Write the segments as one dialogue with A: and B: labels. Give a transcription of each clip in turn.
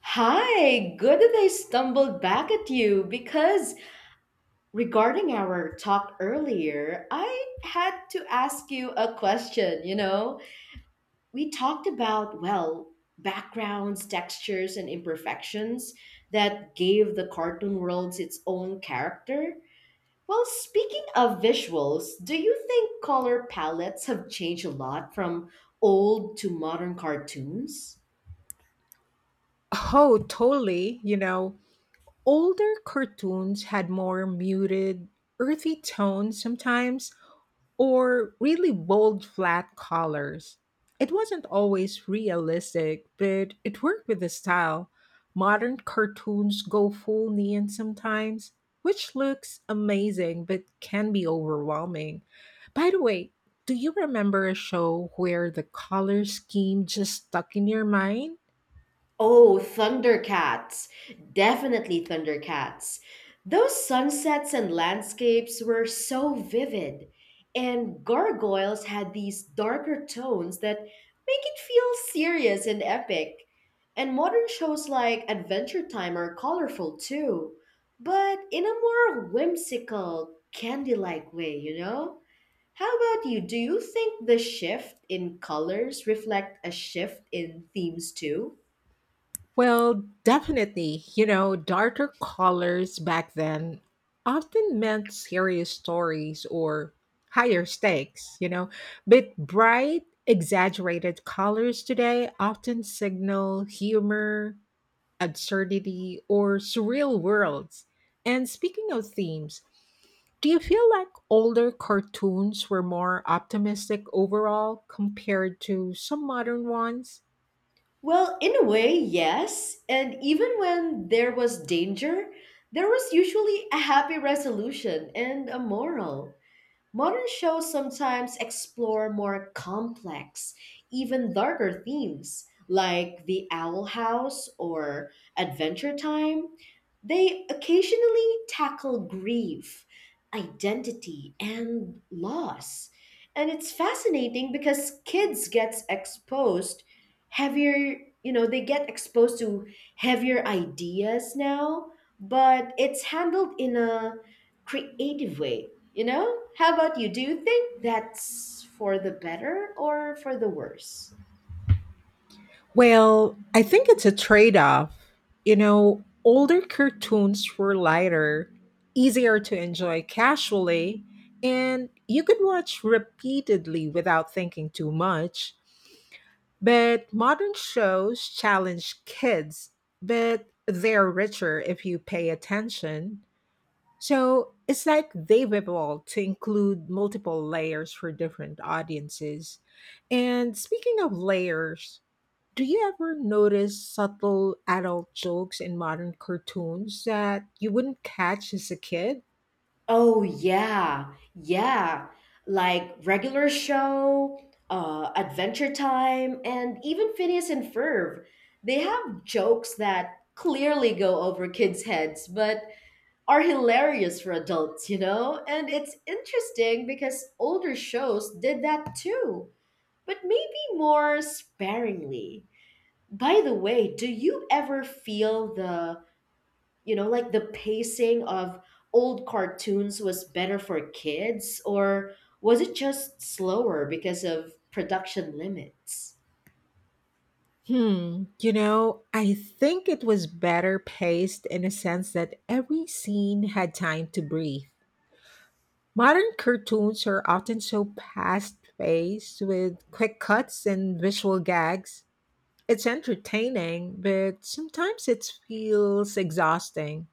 A: Hi, good that I stumbled back at you because regarding our talk earlier, I had to ask you a question. We talked about, backgrounds, textures, and imperfections that gave the cartoon worlds its own character. Well, speaking of visuals, do you think color palettes have changed a lot from old to modern cartoons?
B: Oh, totally. Older cartoons had more muted, earthy tones sometimes, or really bold, flat colors. It wasn't always realistic, but it worked with the style. Modern cartoons go full neon sometimes, which looks amazing but can be overwhelming. By the way, do you remember a show where the color scheme just stuck in your mind?
A: Oh, Thundercats. Definitely Thundercats. Those sunsets and landscapes were so vivid. And gargoyles had these darker tones that make it feel serious and epic. And modern shows like Adventure Time are colorful too, but in a more whimsical, candy like way, you know? How about you? Do you think the shift in colors reflect a shift in themes too?
B: Well, definitely. Darker colors back then often meant serious stories or higher stakes, but bright, exaggerated colors today often signal humor, absurdity, or surreal worlds. And speaking of themes, do you feel like older cartoons were more optimistic overall compared to some modern ones?
A: Well, in a way, yes. And even when there was danger, there was usually a happy resolution and a moral. Modern shows sometimes explore more complex, even darker themes, like The Owl House or Adventure Time. They occasionally tackle grief, identity, and loss. And it's fascinating because kids get exposed heavier, you know, they get exposed to heavier ideas now, but it's handled in a creative way, you know? How about you? Do you think that's for the better or for the worse?
B: Well, I think it's a trade off. Older cartoons were lighter, easier to enjoy casually, and you could watch repeatedly without thinking too much. But modern shows challenge kids, but they're richer if you pay attention. So it's like they've evolved to include multiple layers for different audiences. And speaking of layers, do you ever notice subtle adult jokes in modern cartoons that you wouldn't catch as a kid?
A: Oh yeah, yeah. Like regular show, Adventure Time, and even Phineas and Ferb. They have jokes that clearly go over kids' heads, but are hilarious for adults, you know? And it's interesting because older shows did that too, but maybe more sparingly. By the way, do you ever feel the, like the pacing of old cartoons was better for kids, or was it just slower because of production limits?
B: I think it was better paced in a sense that every scene had time to breathe. Modern cartoons are often so fast paced with quick cuts and visual gags. It's entertaining, but sometimes it feels exhausting.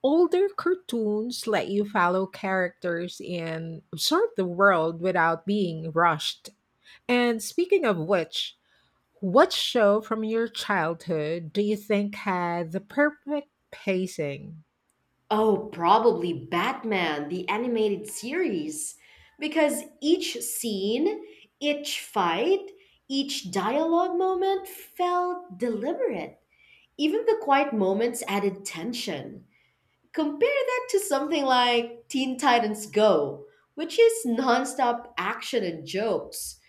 B: Older cartoons let you follow characters and absorb the world without being rushed. And speaking of which, what show from your childhood do you think had the perfect pacing?
A: Oh, probably Batman, the animated series, because each scene, each fight, each dialogue moment felt deliberate. Even the quiet moments added tension. Compare that to something like Teen Titans Go, which is nonstop action and jokes.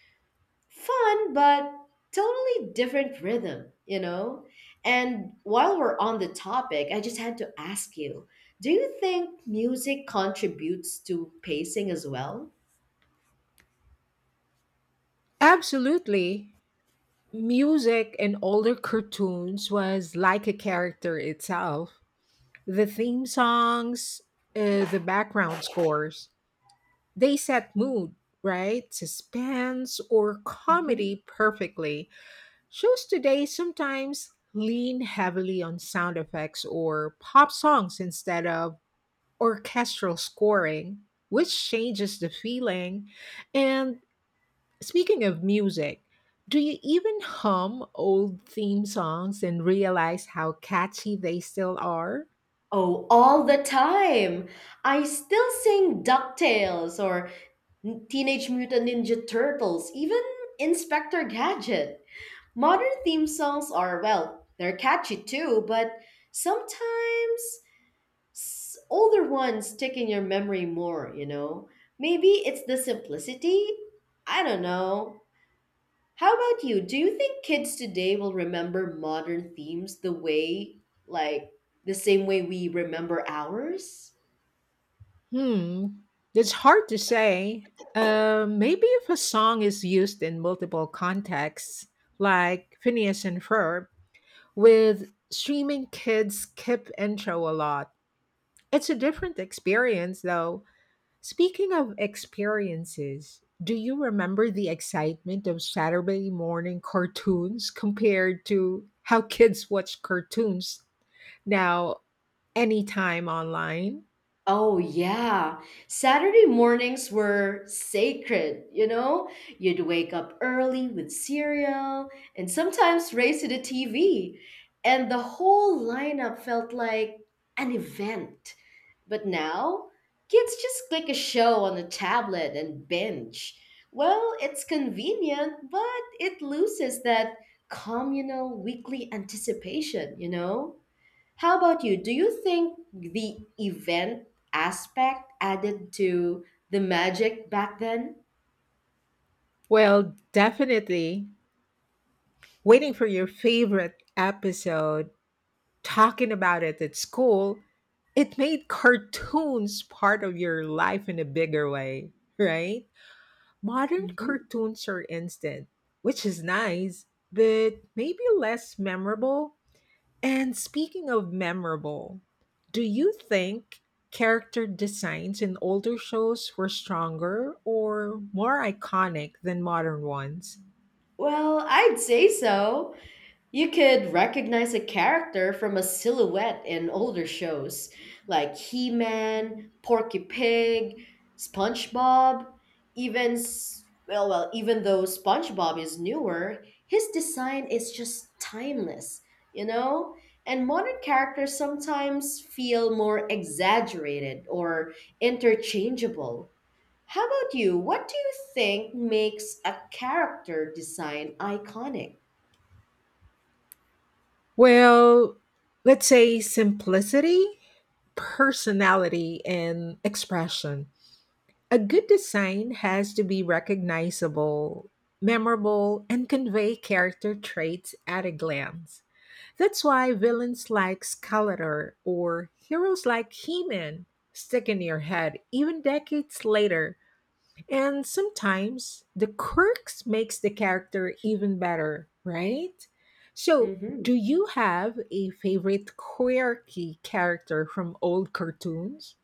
A: Fun, but totally different rhythm, you know? And while we're on the topic, I just had to ask you, do you think music contributes to pacing as well?
B: Absolutely. Music in older cartoons was like a character itself. The theme songs, the background scores, they set mood, right? Suspense or
A: Mhm.
B: comedy perfectly. Shows today sometimes lean heavily on sound effects or pop songs instead of orchestral scoring, which changes the feeling. And speaking of music, do you even hum old theme songs and realize how catchy they still are?
A: Oh, all the time. I still sing DuckTales or Teenage Mutant Ninja Turtles, even Inspector Gadget. Modern theme songs are, well, they're catchy too, but sometimes older ones stick in your memory more, you know? Maybe it's the simplicity? I don't know. How about you? Do you think kids today will remember modern themes the way, like, the same way we remember ours?
B: Hmm, it's hard to say. Maybe if a song is used in multiple contexts, like Phineas and Ferb, with streaming kids skip intro a lot. It's a different experience, though. Speaking of experiences, do you remember the excitement of Saturday morning cartoons compared to how kids watch cartoons now anytime online?
A: Oh, yeah. Saturday mornings were sacred, you know? You'd wake up early with cereal and sometimes race to the TV. And the whole lineup felt like an event. But now, kids just click a show on a tablet and binge. Well, it's convenient, but it loses that communal weekly anticipation, you know? How about you? Do you think the event aspect added to the magic back then?
B: Well, definitely waiting for your favorite episode, talking about it at school, it made cartoons part of your life in a bigger way, right? Modern
A: Hmm.
B: cartoons are instant, which is nice, but maybe less memorable. And speaking of memorable, do you think character designs in older shows were stronger or more iconic than modern ones?
A: Well, I'd say so. You could recognize a character from a silhouette in older shows like He Man, Porky Pig, SpongeBob, even well, even though SpongeBob is newer, his design is just timeless, you know? And modern characters sometimes feel more exaggerated or interchangeable. How about you? What do you think makes a character design iconic?
B: Well, let's say simplicity, personality, and expression. A good design has to be recognizable, memorable, and convey character traits at a glance. That's why villains like Skeletor or heroes like He Man stick in your head even decades later. And sometimes the quirks makes the character even better, right? So,
A: Mhm.
B: do you have a favorite quirky character from old cartoons?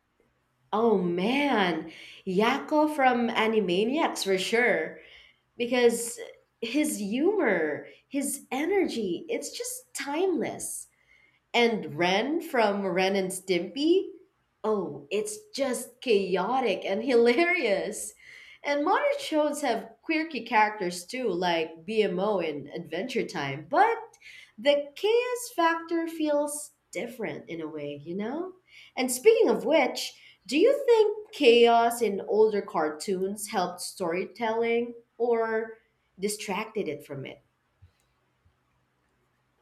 A: Oh man, Yakko from Animaniacs for sure. Because his humor, his energy, it's just timeless. And Ren from Ren and Stimpy? Oh, it's just chaotic and hilarious. And modern shows have quirky characters too, like BMO in Adventure Time, but the chaos factor feels different in a way, you know? And speaking of which, do you think chaos in older cartoons helped storytelling or distracted it from it?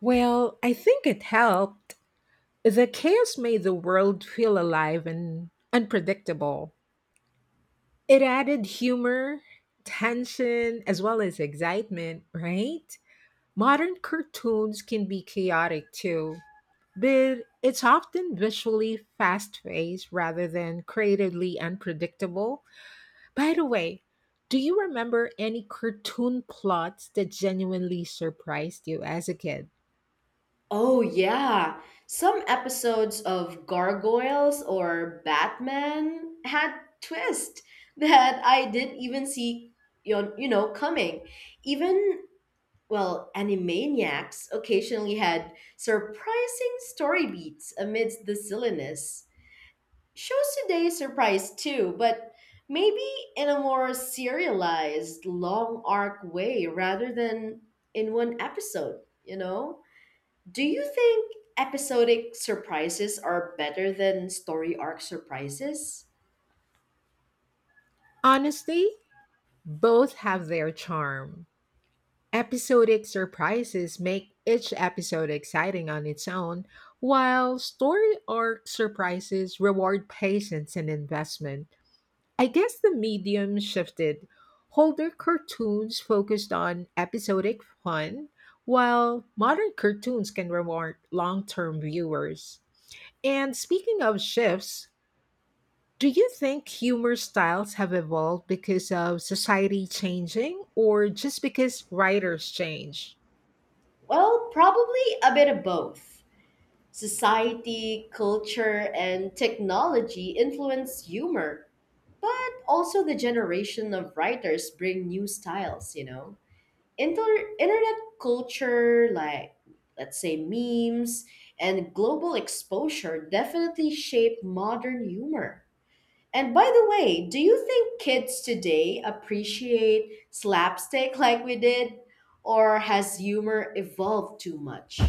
B: Well, I think it helped. The chaos made the world feel alive and unpredictable. It added humor, tension, as well as excitement, right? Modern cartoons can be chaotic too, but it's often visually fast paced rather than creatively unpredictable. By the way, do you remember any cartoon plots that genuinely surprised you as a kid?
A: Oh, yeah. Some episodes of Gargoyles or Batman had twist that I didn't even see, you know, coming. Even, well, Animaniacs occasionally had surprising story beats amidst the silliness. Shows today surprise too, but maybe in a more serialized, long arc way rather than in one episode, you know? Do you think episodic surprises are better than story arc surprises?
B: Honestly, both have their charm. Episodic surprises make each episode exciting on its own, while story arc surprises reward patience and investment. I guess the medium shifted. Older cartoons focused on episodic fun, while modern cartoons can reward long term viewers. And speaking of shifts, do you think humor styles have evolved because of society changing or just because writers change?
A: Well, probably a bit of both. Society, culture, and technology influence humor, but also the generation of writers bring new styles, you know? Internet culture, like, let's say, memes and global exposure, definitely shape modern humor. And by the way, do you think kids today appreciate slapstick like we did? Or has humor evolved too much?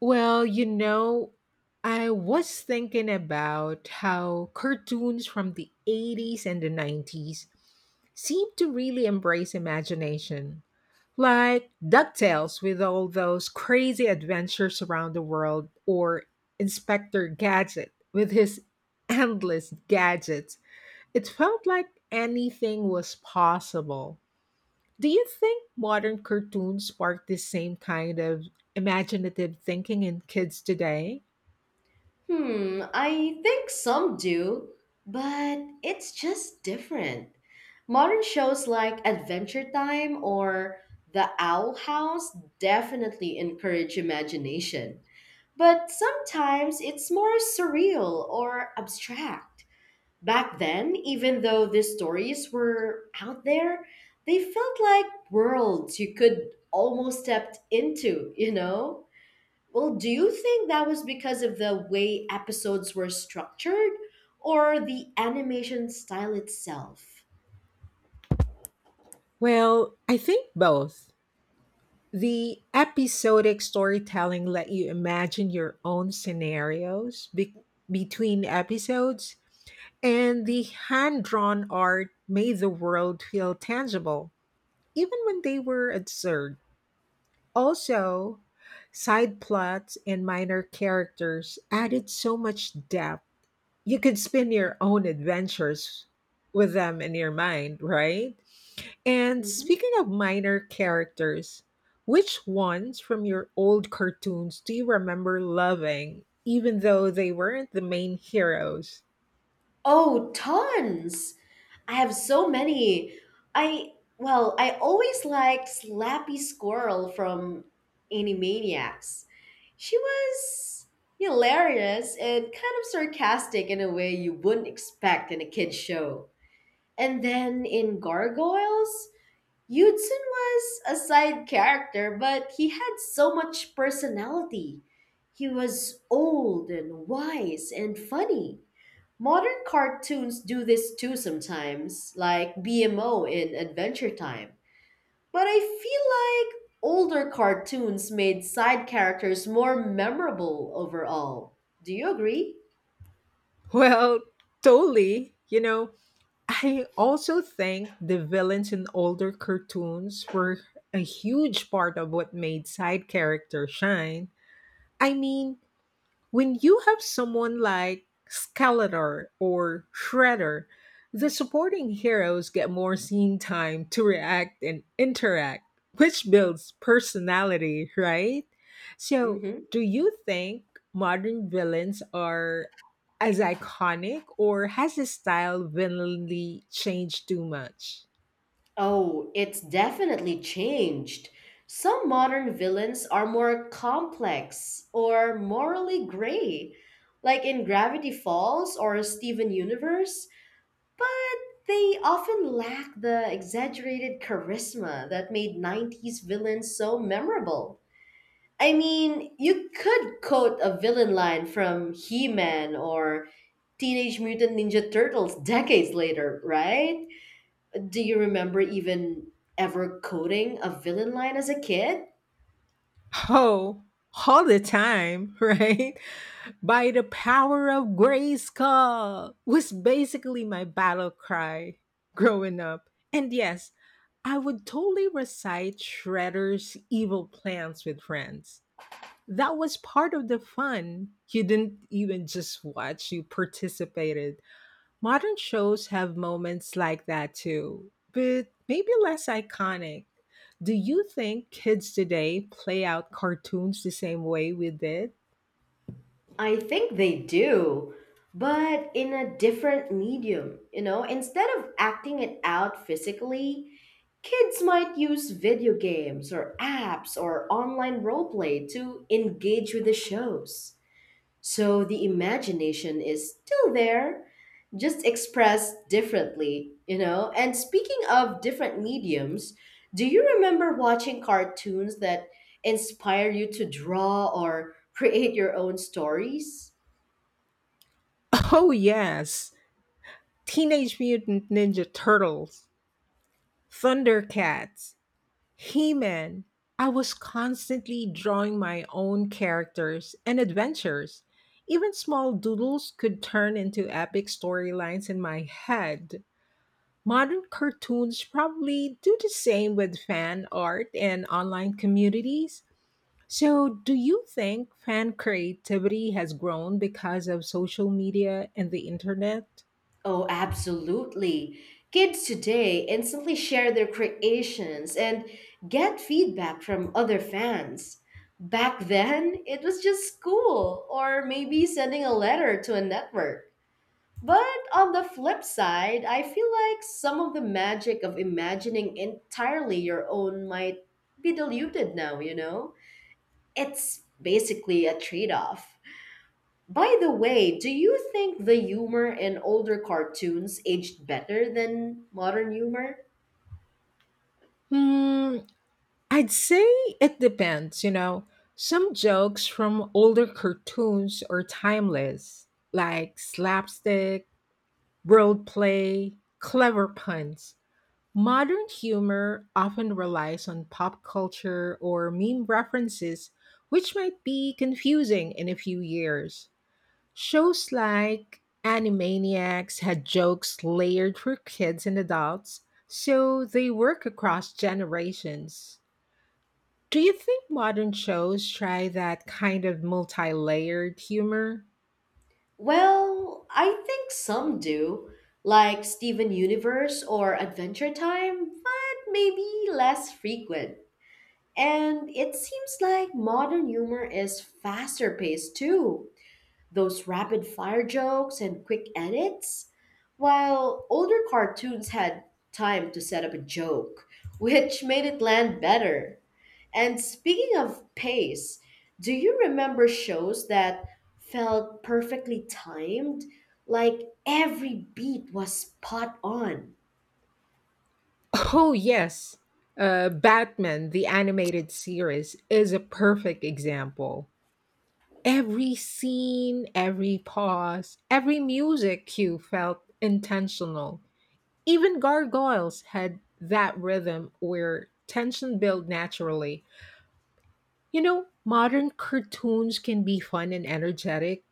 B: Well, I was thinking about how cartoons from the 80s and the 90s seem to really embrace imagination. Like DuckTales with all those crazy adventures around the world, or Inspector Gadget with his endless gadgets. It felt like anything was possible. Do you think modern cartoons spark the same kind of imaginative thinking in kids today?
A: Hmm, I think some do, but it's just different. Modern shows like Adventure Time or The Owl House definitely encourage imagination, but sometimes it's more surreal or abstract. Back then, even though these stories were out there, they felt like worlds you could almost step into, you know? Well, do you think that was because of the way episodes were structured or the animation style itself?
B: Well, I think both. The episodic storytelling let you imagine your own scenarios between episodes, and the hand drawn art made the world feel tangible, even when they were absurd. Also, side plots and minor characters added so much depth you could spin your own adventures with them in your mind, right? And
A: Mhm.
B: speaking of minor characters, which ones from your old cartoons do you remember loving, even though they weren't the main heroes?
A: Oh, tons! I have so many. I I always liked Slappy Squirrel from Animaniacs. She was hilarious and kind of sarcastic in a way you wouldn't expect in a kid's show. And then in Gargoyles, Yudsun was a side character, but he had so much personality. He was old and wise and funny. Modern cartoons do this too sometimes, like BMO in Adventure Time. But I feel like older cartoons made side characters more memorable overall. Do you agree?
B: Well, totally. I also think the villains in older cartoons were a huge part of what made side characters shine. I mean, when you have someone like Skeletor or Shredder, the supporting heroes get more scene time to react and interact, which builds personality, right? So,
A: Hmm.
B: do you think modern villains are as iconic, or has his style willingly changed too much?
A: Oh, it's definitely changed. Some modern villains are more complex or morally gray, like in Gravity Falls or Steven Universe, but they often lack the exaggerated charisma that made 90s villains so memorable. I mean, you could quote a villain line from He Man or Teenage Mutant Ninja Turtles decades later, right? Do you remember even ever coding a villain line as a kid?
B: Oh, all the time, right? By the power of Grayskull was basically my battle cry growing up. And yes, I would totally recite Shredder's evil plans with friends. That was part of the fun. You didn't even just watch, you participated. Modern shows have moments like that too, but maybe less iconic. Do you think kids today play out cartoons the same way we did?
A: I think they do, but in a different medium. You know, instead of acting it out physically, kids might use video games or apps or online roleplay to engage with the shows. So the imagination is still there, just expressed differently, you know? And speaking of different mediums, do you remember watching cartoons that inspire you to draw or create your own stories?
B: Oh, yes. Teenage Mutant Ninja Turtles, Thundercats, He Man. I was constantly drawing my own characters and adventures. Even small doodles could turn into epic storylines in my head. Modern cartoons probably do the same with fan art and online communities. So, do you think fan creativity has grown because of social media and the internet?
A: Oh, absolutely. Kids today instantly share their creations and get feedback from other fans. Back then, it was just school or maybe sending a letter to a network. But on the flip side, I feel like some of the magic of imagining entirely your own might be diluted now, you know? It's basically a trade off. By the way, do you think the humor in older cartoons aged better than modern humor?
B: Hmm, I'd say it depends, Some jokes from older cartoons are timeless, like slapstick, world play, clever puns. Modern humor often relies on pop culture or meme references, which might be confusing in a few years. Shows like Animaniacs had jokes layered for kids and adults, so they work across generations. Do you think modern shows try that kind of multi layered humor?
A: Well, I think some do, like Steven Universe or Adventure Time, but maybe less frequent. And it seems like modern humor is faster paced too. Those rapid fire jokes and quick edits. While older cartoons had time to set up a joke, which made it land better. And speaking of pace, do you remember shows that felt perfectly timed? Like every beat was spot on?
B: Oh, yes. Batman, the animated series, is a perfect example. Every scene, every pause, every music cue felt intentional. Even gargoyles had that rhythm where tension built naturally. You know, modern cartoons can be fun and energetic,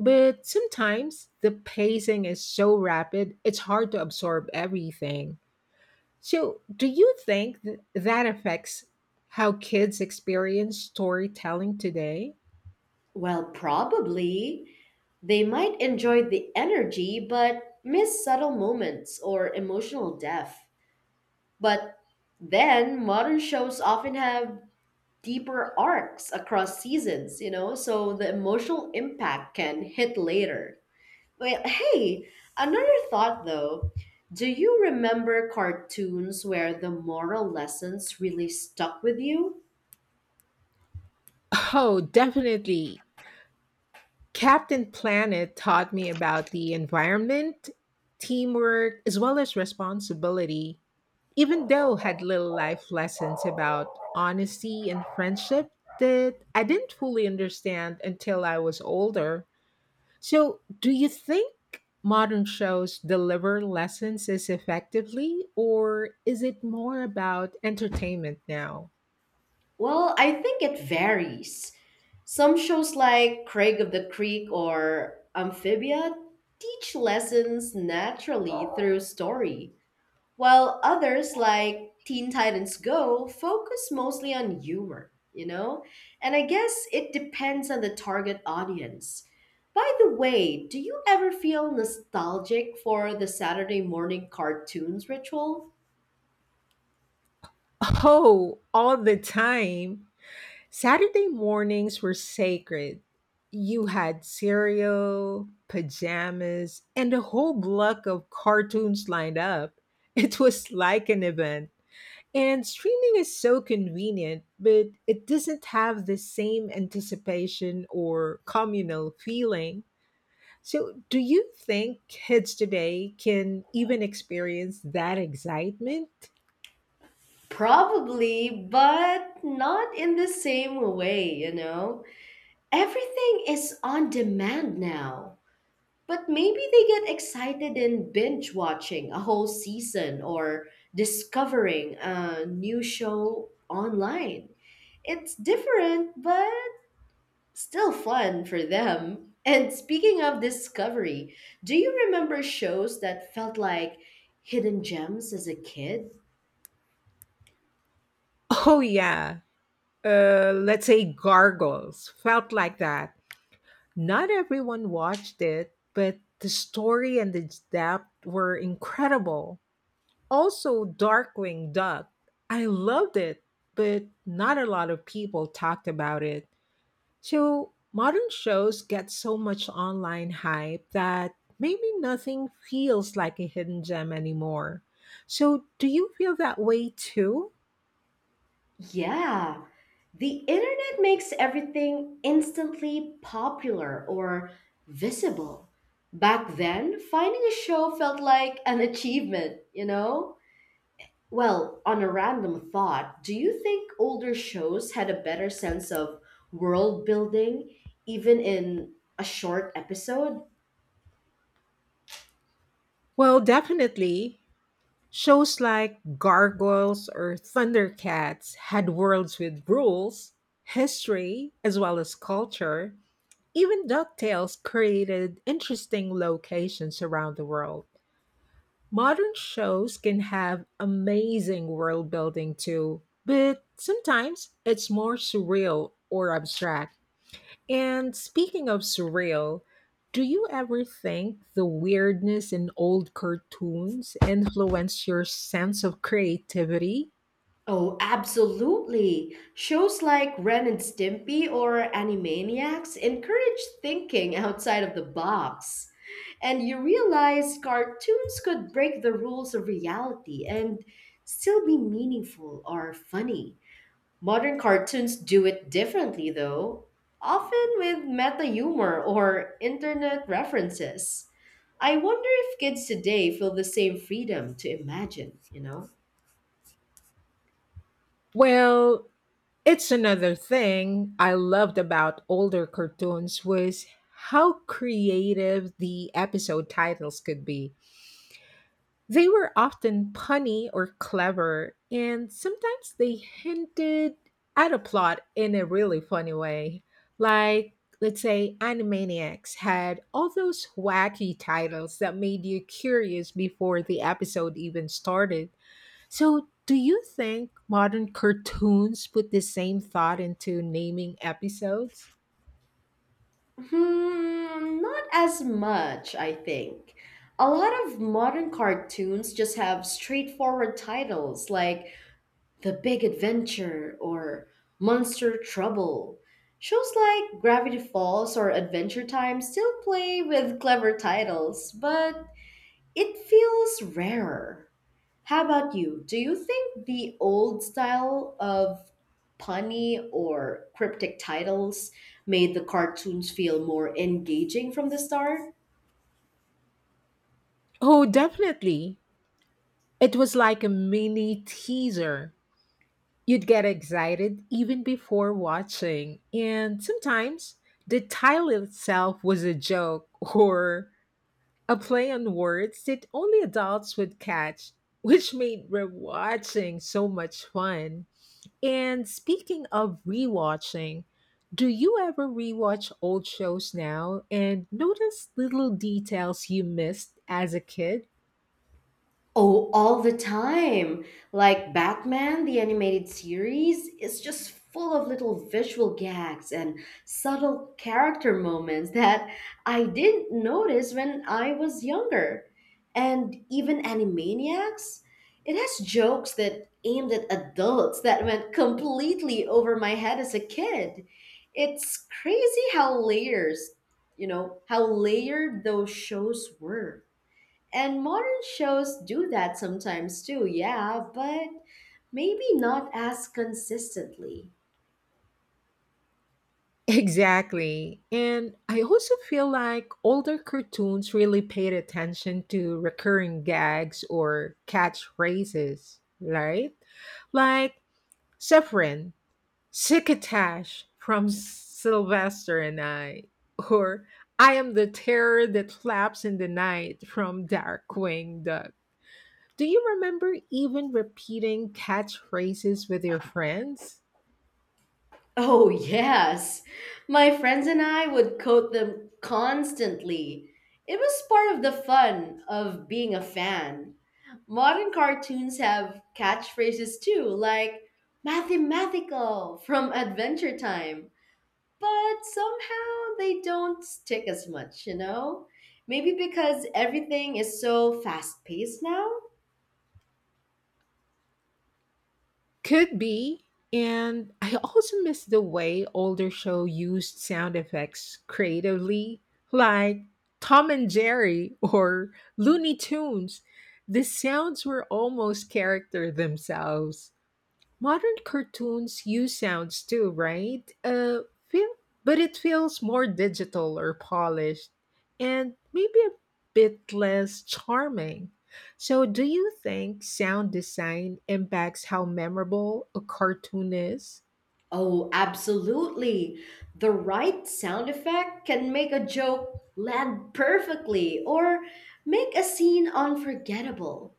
B: but sometimes the pacing is so rapid, it's hard to absorb everything. So, do you think that affects how kids experience storytelling today?
A: Well, probably. They might enjoy the energy but miss subtle moments or emotional depth. But then modern shows often have deeper arcs across seasons, you know, so the emotional impact can hit later. Well, hey, another thought though. Do you remember cartoons where the moral lessons really stuck with you?
B: Oh, definitely. Captain Planet taught me about the environment, teamwork, as well as responsibility. Even though had little life lessons about honesty and friendship that I didn't fully understand until I was older. So, do you think modern shows deliver lessons as effectively, or is it more about entertainment now?
A: Well, I think it varies. Some shows like Craig of the Creek or Amphibia teach lessons naturally through story, while others like Teen Titans Go focus mostly on humor, you know? And I guess it depends on the target audience. By the way, do you ever feel nostalgic for the Saturday morning cartoons ritual?
B: Oh, all the time. Saturday mornings were sacred. You had cereal, pajamas, and a whole block of cartoons lined up. It was like an event. And streaming is so convenient, but it doesn't have the same anticipation or communal feeling. So, do you think kids today can even experience that excitement?
A: Probably, but not in the same way, you know? Everything is on demand now. But maybe they get excited in binge watching a whole season or discovering a new show online. It's different, but still fun for them. And speaking of discovery, do you remember shows that felt like hidden gems as a kid?
B: Oh, yeah. Let's say gargles felt like that. Not everyone watched it, but the story and the depth were incredible. Also, Darkwing Duck. I loved it, but not a lot of people talked about it. So, modern shows get so much online hype that maybe nothing feels like a hidden gem anymore. So, do you feel that way too?
A: Yeah, the internet makes everything instantly popular or visible. Back then, finding a show felt like an achievement, you know? Well, on a random thought, do you think older shows had a better sense of world building, even in a short episode?
B: Well, definitely. Shows like Gargoyles or Thundercats had worlds with rules, history, as well as culture. Even DuckTales created interesting locations around the world. Modern shows can have amazing world building too, but sometimes it's more surreal or abstract. And speaking of surreal, do you ever think the weirdness in old cartoons influenced your sense of creativity?
A: Oh, absolutely. Shows like Ren and Stimpy or Animaniacs encourage thinking outside of the box. And you realize cartoons could break the rules of reality and still be meaningful or funny. Modern cartoons do it differently, though, often with meta humor or internet references. I wonder if kids today feel the same freedom to imagine, you know?
B: Well, it's another thing I loved about older cartoons was how creative the episode titles could be. They were often punny or clever, and sometimes they hinted at a plot in a really funny way. Like, let's say Animaniacs had all those wacky titles that made you curious before the episode even started. So, do you think modern cartoons put the same thought into naming episodes?
A: Hmm, not as much, I think. A lot of modern cartoons just have straightforward titles like The Big Adventure or Monster Trouble. Shows like Gravity Falls or Adventure Time still play with clever titles, but it feels rarer. How about you? Do you think the old style of punny or cryptic titles made the cartoons feel more engaging from the start?
B: Oh, definitely. It was like a mini teaser. You'd get excited even before watching, and sometimes the title itself was a joke or a play on words that only adults would catch, which made rewatching so much fun. And speaking of rewatching, do you ever rewatch old shows now and notice little details you missed as a kid?
A: Oh, all the time. Like Batman, the animated series is just full of little visual gags and subtle character moments that I didn't notice when I was younger. And even Animaniacs, it has jokes that aimed at adults that went completely over my head as a kid. It's crazy how how layered those shows were. And modern shows do that sometimes too, yeah, but maybe not as consistently.
B: Exactly. And I also feel like older cartoons really paid attention to recurring gags or catchphrases, right? Like Severin, Sikatash from Sylvester and I, or I am the terror that flaps in the night from Darkwing Duck. Do you remember even repeating catchphrases with your friends?
A: Oh, yes. My friends and I would quote them constantly. It was part of the fun of being a fan. Modern cartoons have catchphrases too, like mathematical from Adventure Time, but somehow they don't stick as much, you know? Maybe because everything is so fast paced now?
B: Could be. And I also miss the way older show used sound effects creatively, like Tom and Jerry or Looney Tunes. The sounds were almost character themselves. Modern cartoons use sounds too, right? Feel, but it feels more digital or polished, and maybe a bit less charming. So, do you think sound design impacts how memorable a cartoon is?
A: Oh, absolutely. The right sound effect can make a joke land perfectly or make a scene unforgettable.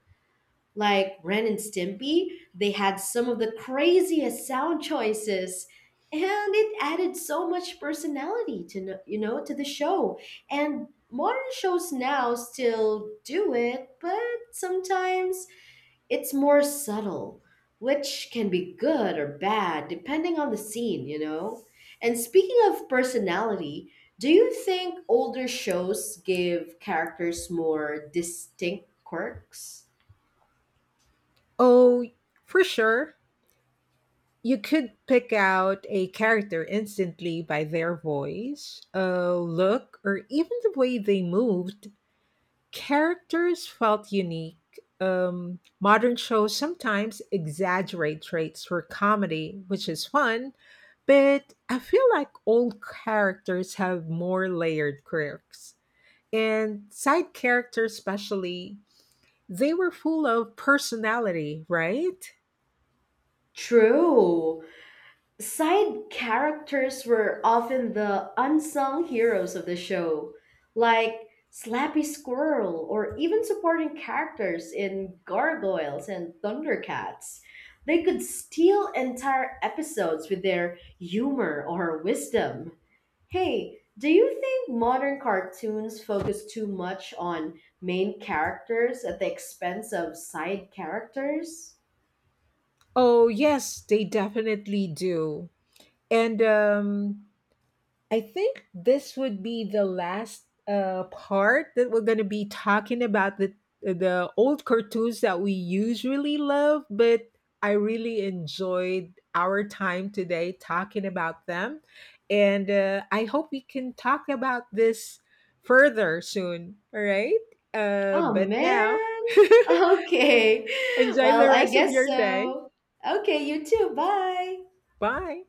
A: Like Ren and Stimpy, they had some of the craziest sound choices and it added so much personality to you know, to the show. And modern shows now still do it, but sometimes it's more subtle, which can be good or bad depending on the scene, you know? And speaking of personality, do you think older shows give characters more distinct quirks?
B: Oh, for sure. You could pick out a character instantly by their voice, a look, or even the way they moved. Characters felt unique. Modern shows sometimes exaggerate traits for comedy, which is fun, but I feel like old characters have more layered quirks. And side characters, especially, they were full of personality, right?
A: True. Side characters were often the unsung heroes of the show, like Slappy Squirrel or even supporting characters in Gargoyles and Thundercats. They could steal entire episodes with their humor or wisdom. Hey, do you think modern cartoons focus too much on main characters at the expense of side characters?
B: Oh, yes, they definitely do. And I think this would be the last part that we're going to be talking about the old cartoons that we usually love, but I really enjoyed our time today talking about them, and I hope we can talk about this further soon. All right,
A: Oh
B: but
A: man.
B: now
A: Okay.
B: enjoy
A: Well,
B: the
A: I
B: rest of
A: guess
B: your day.
A: so. Okay, you too. Bye.
B: Bye.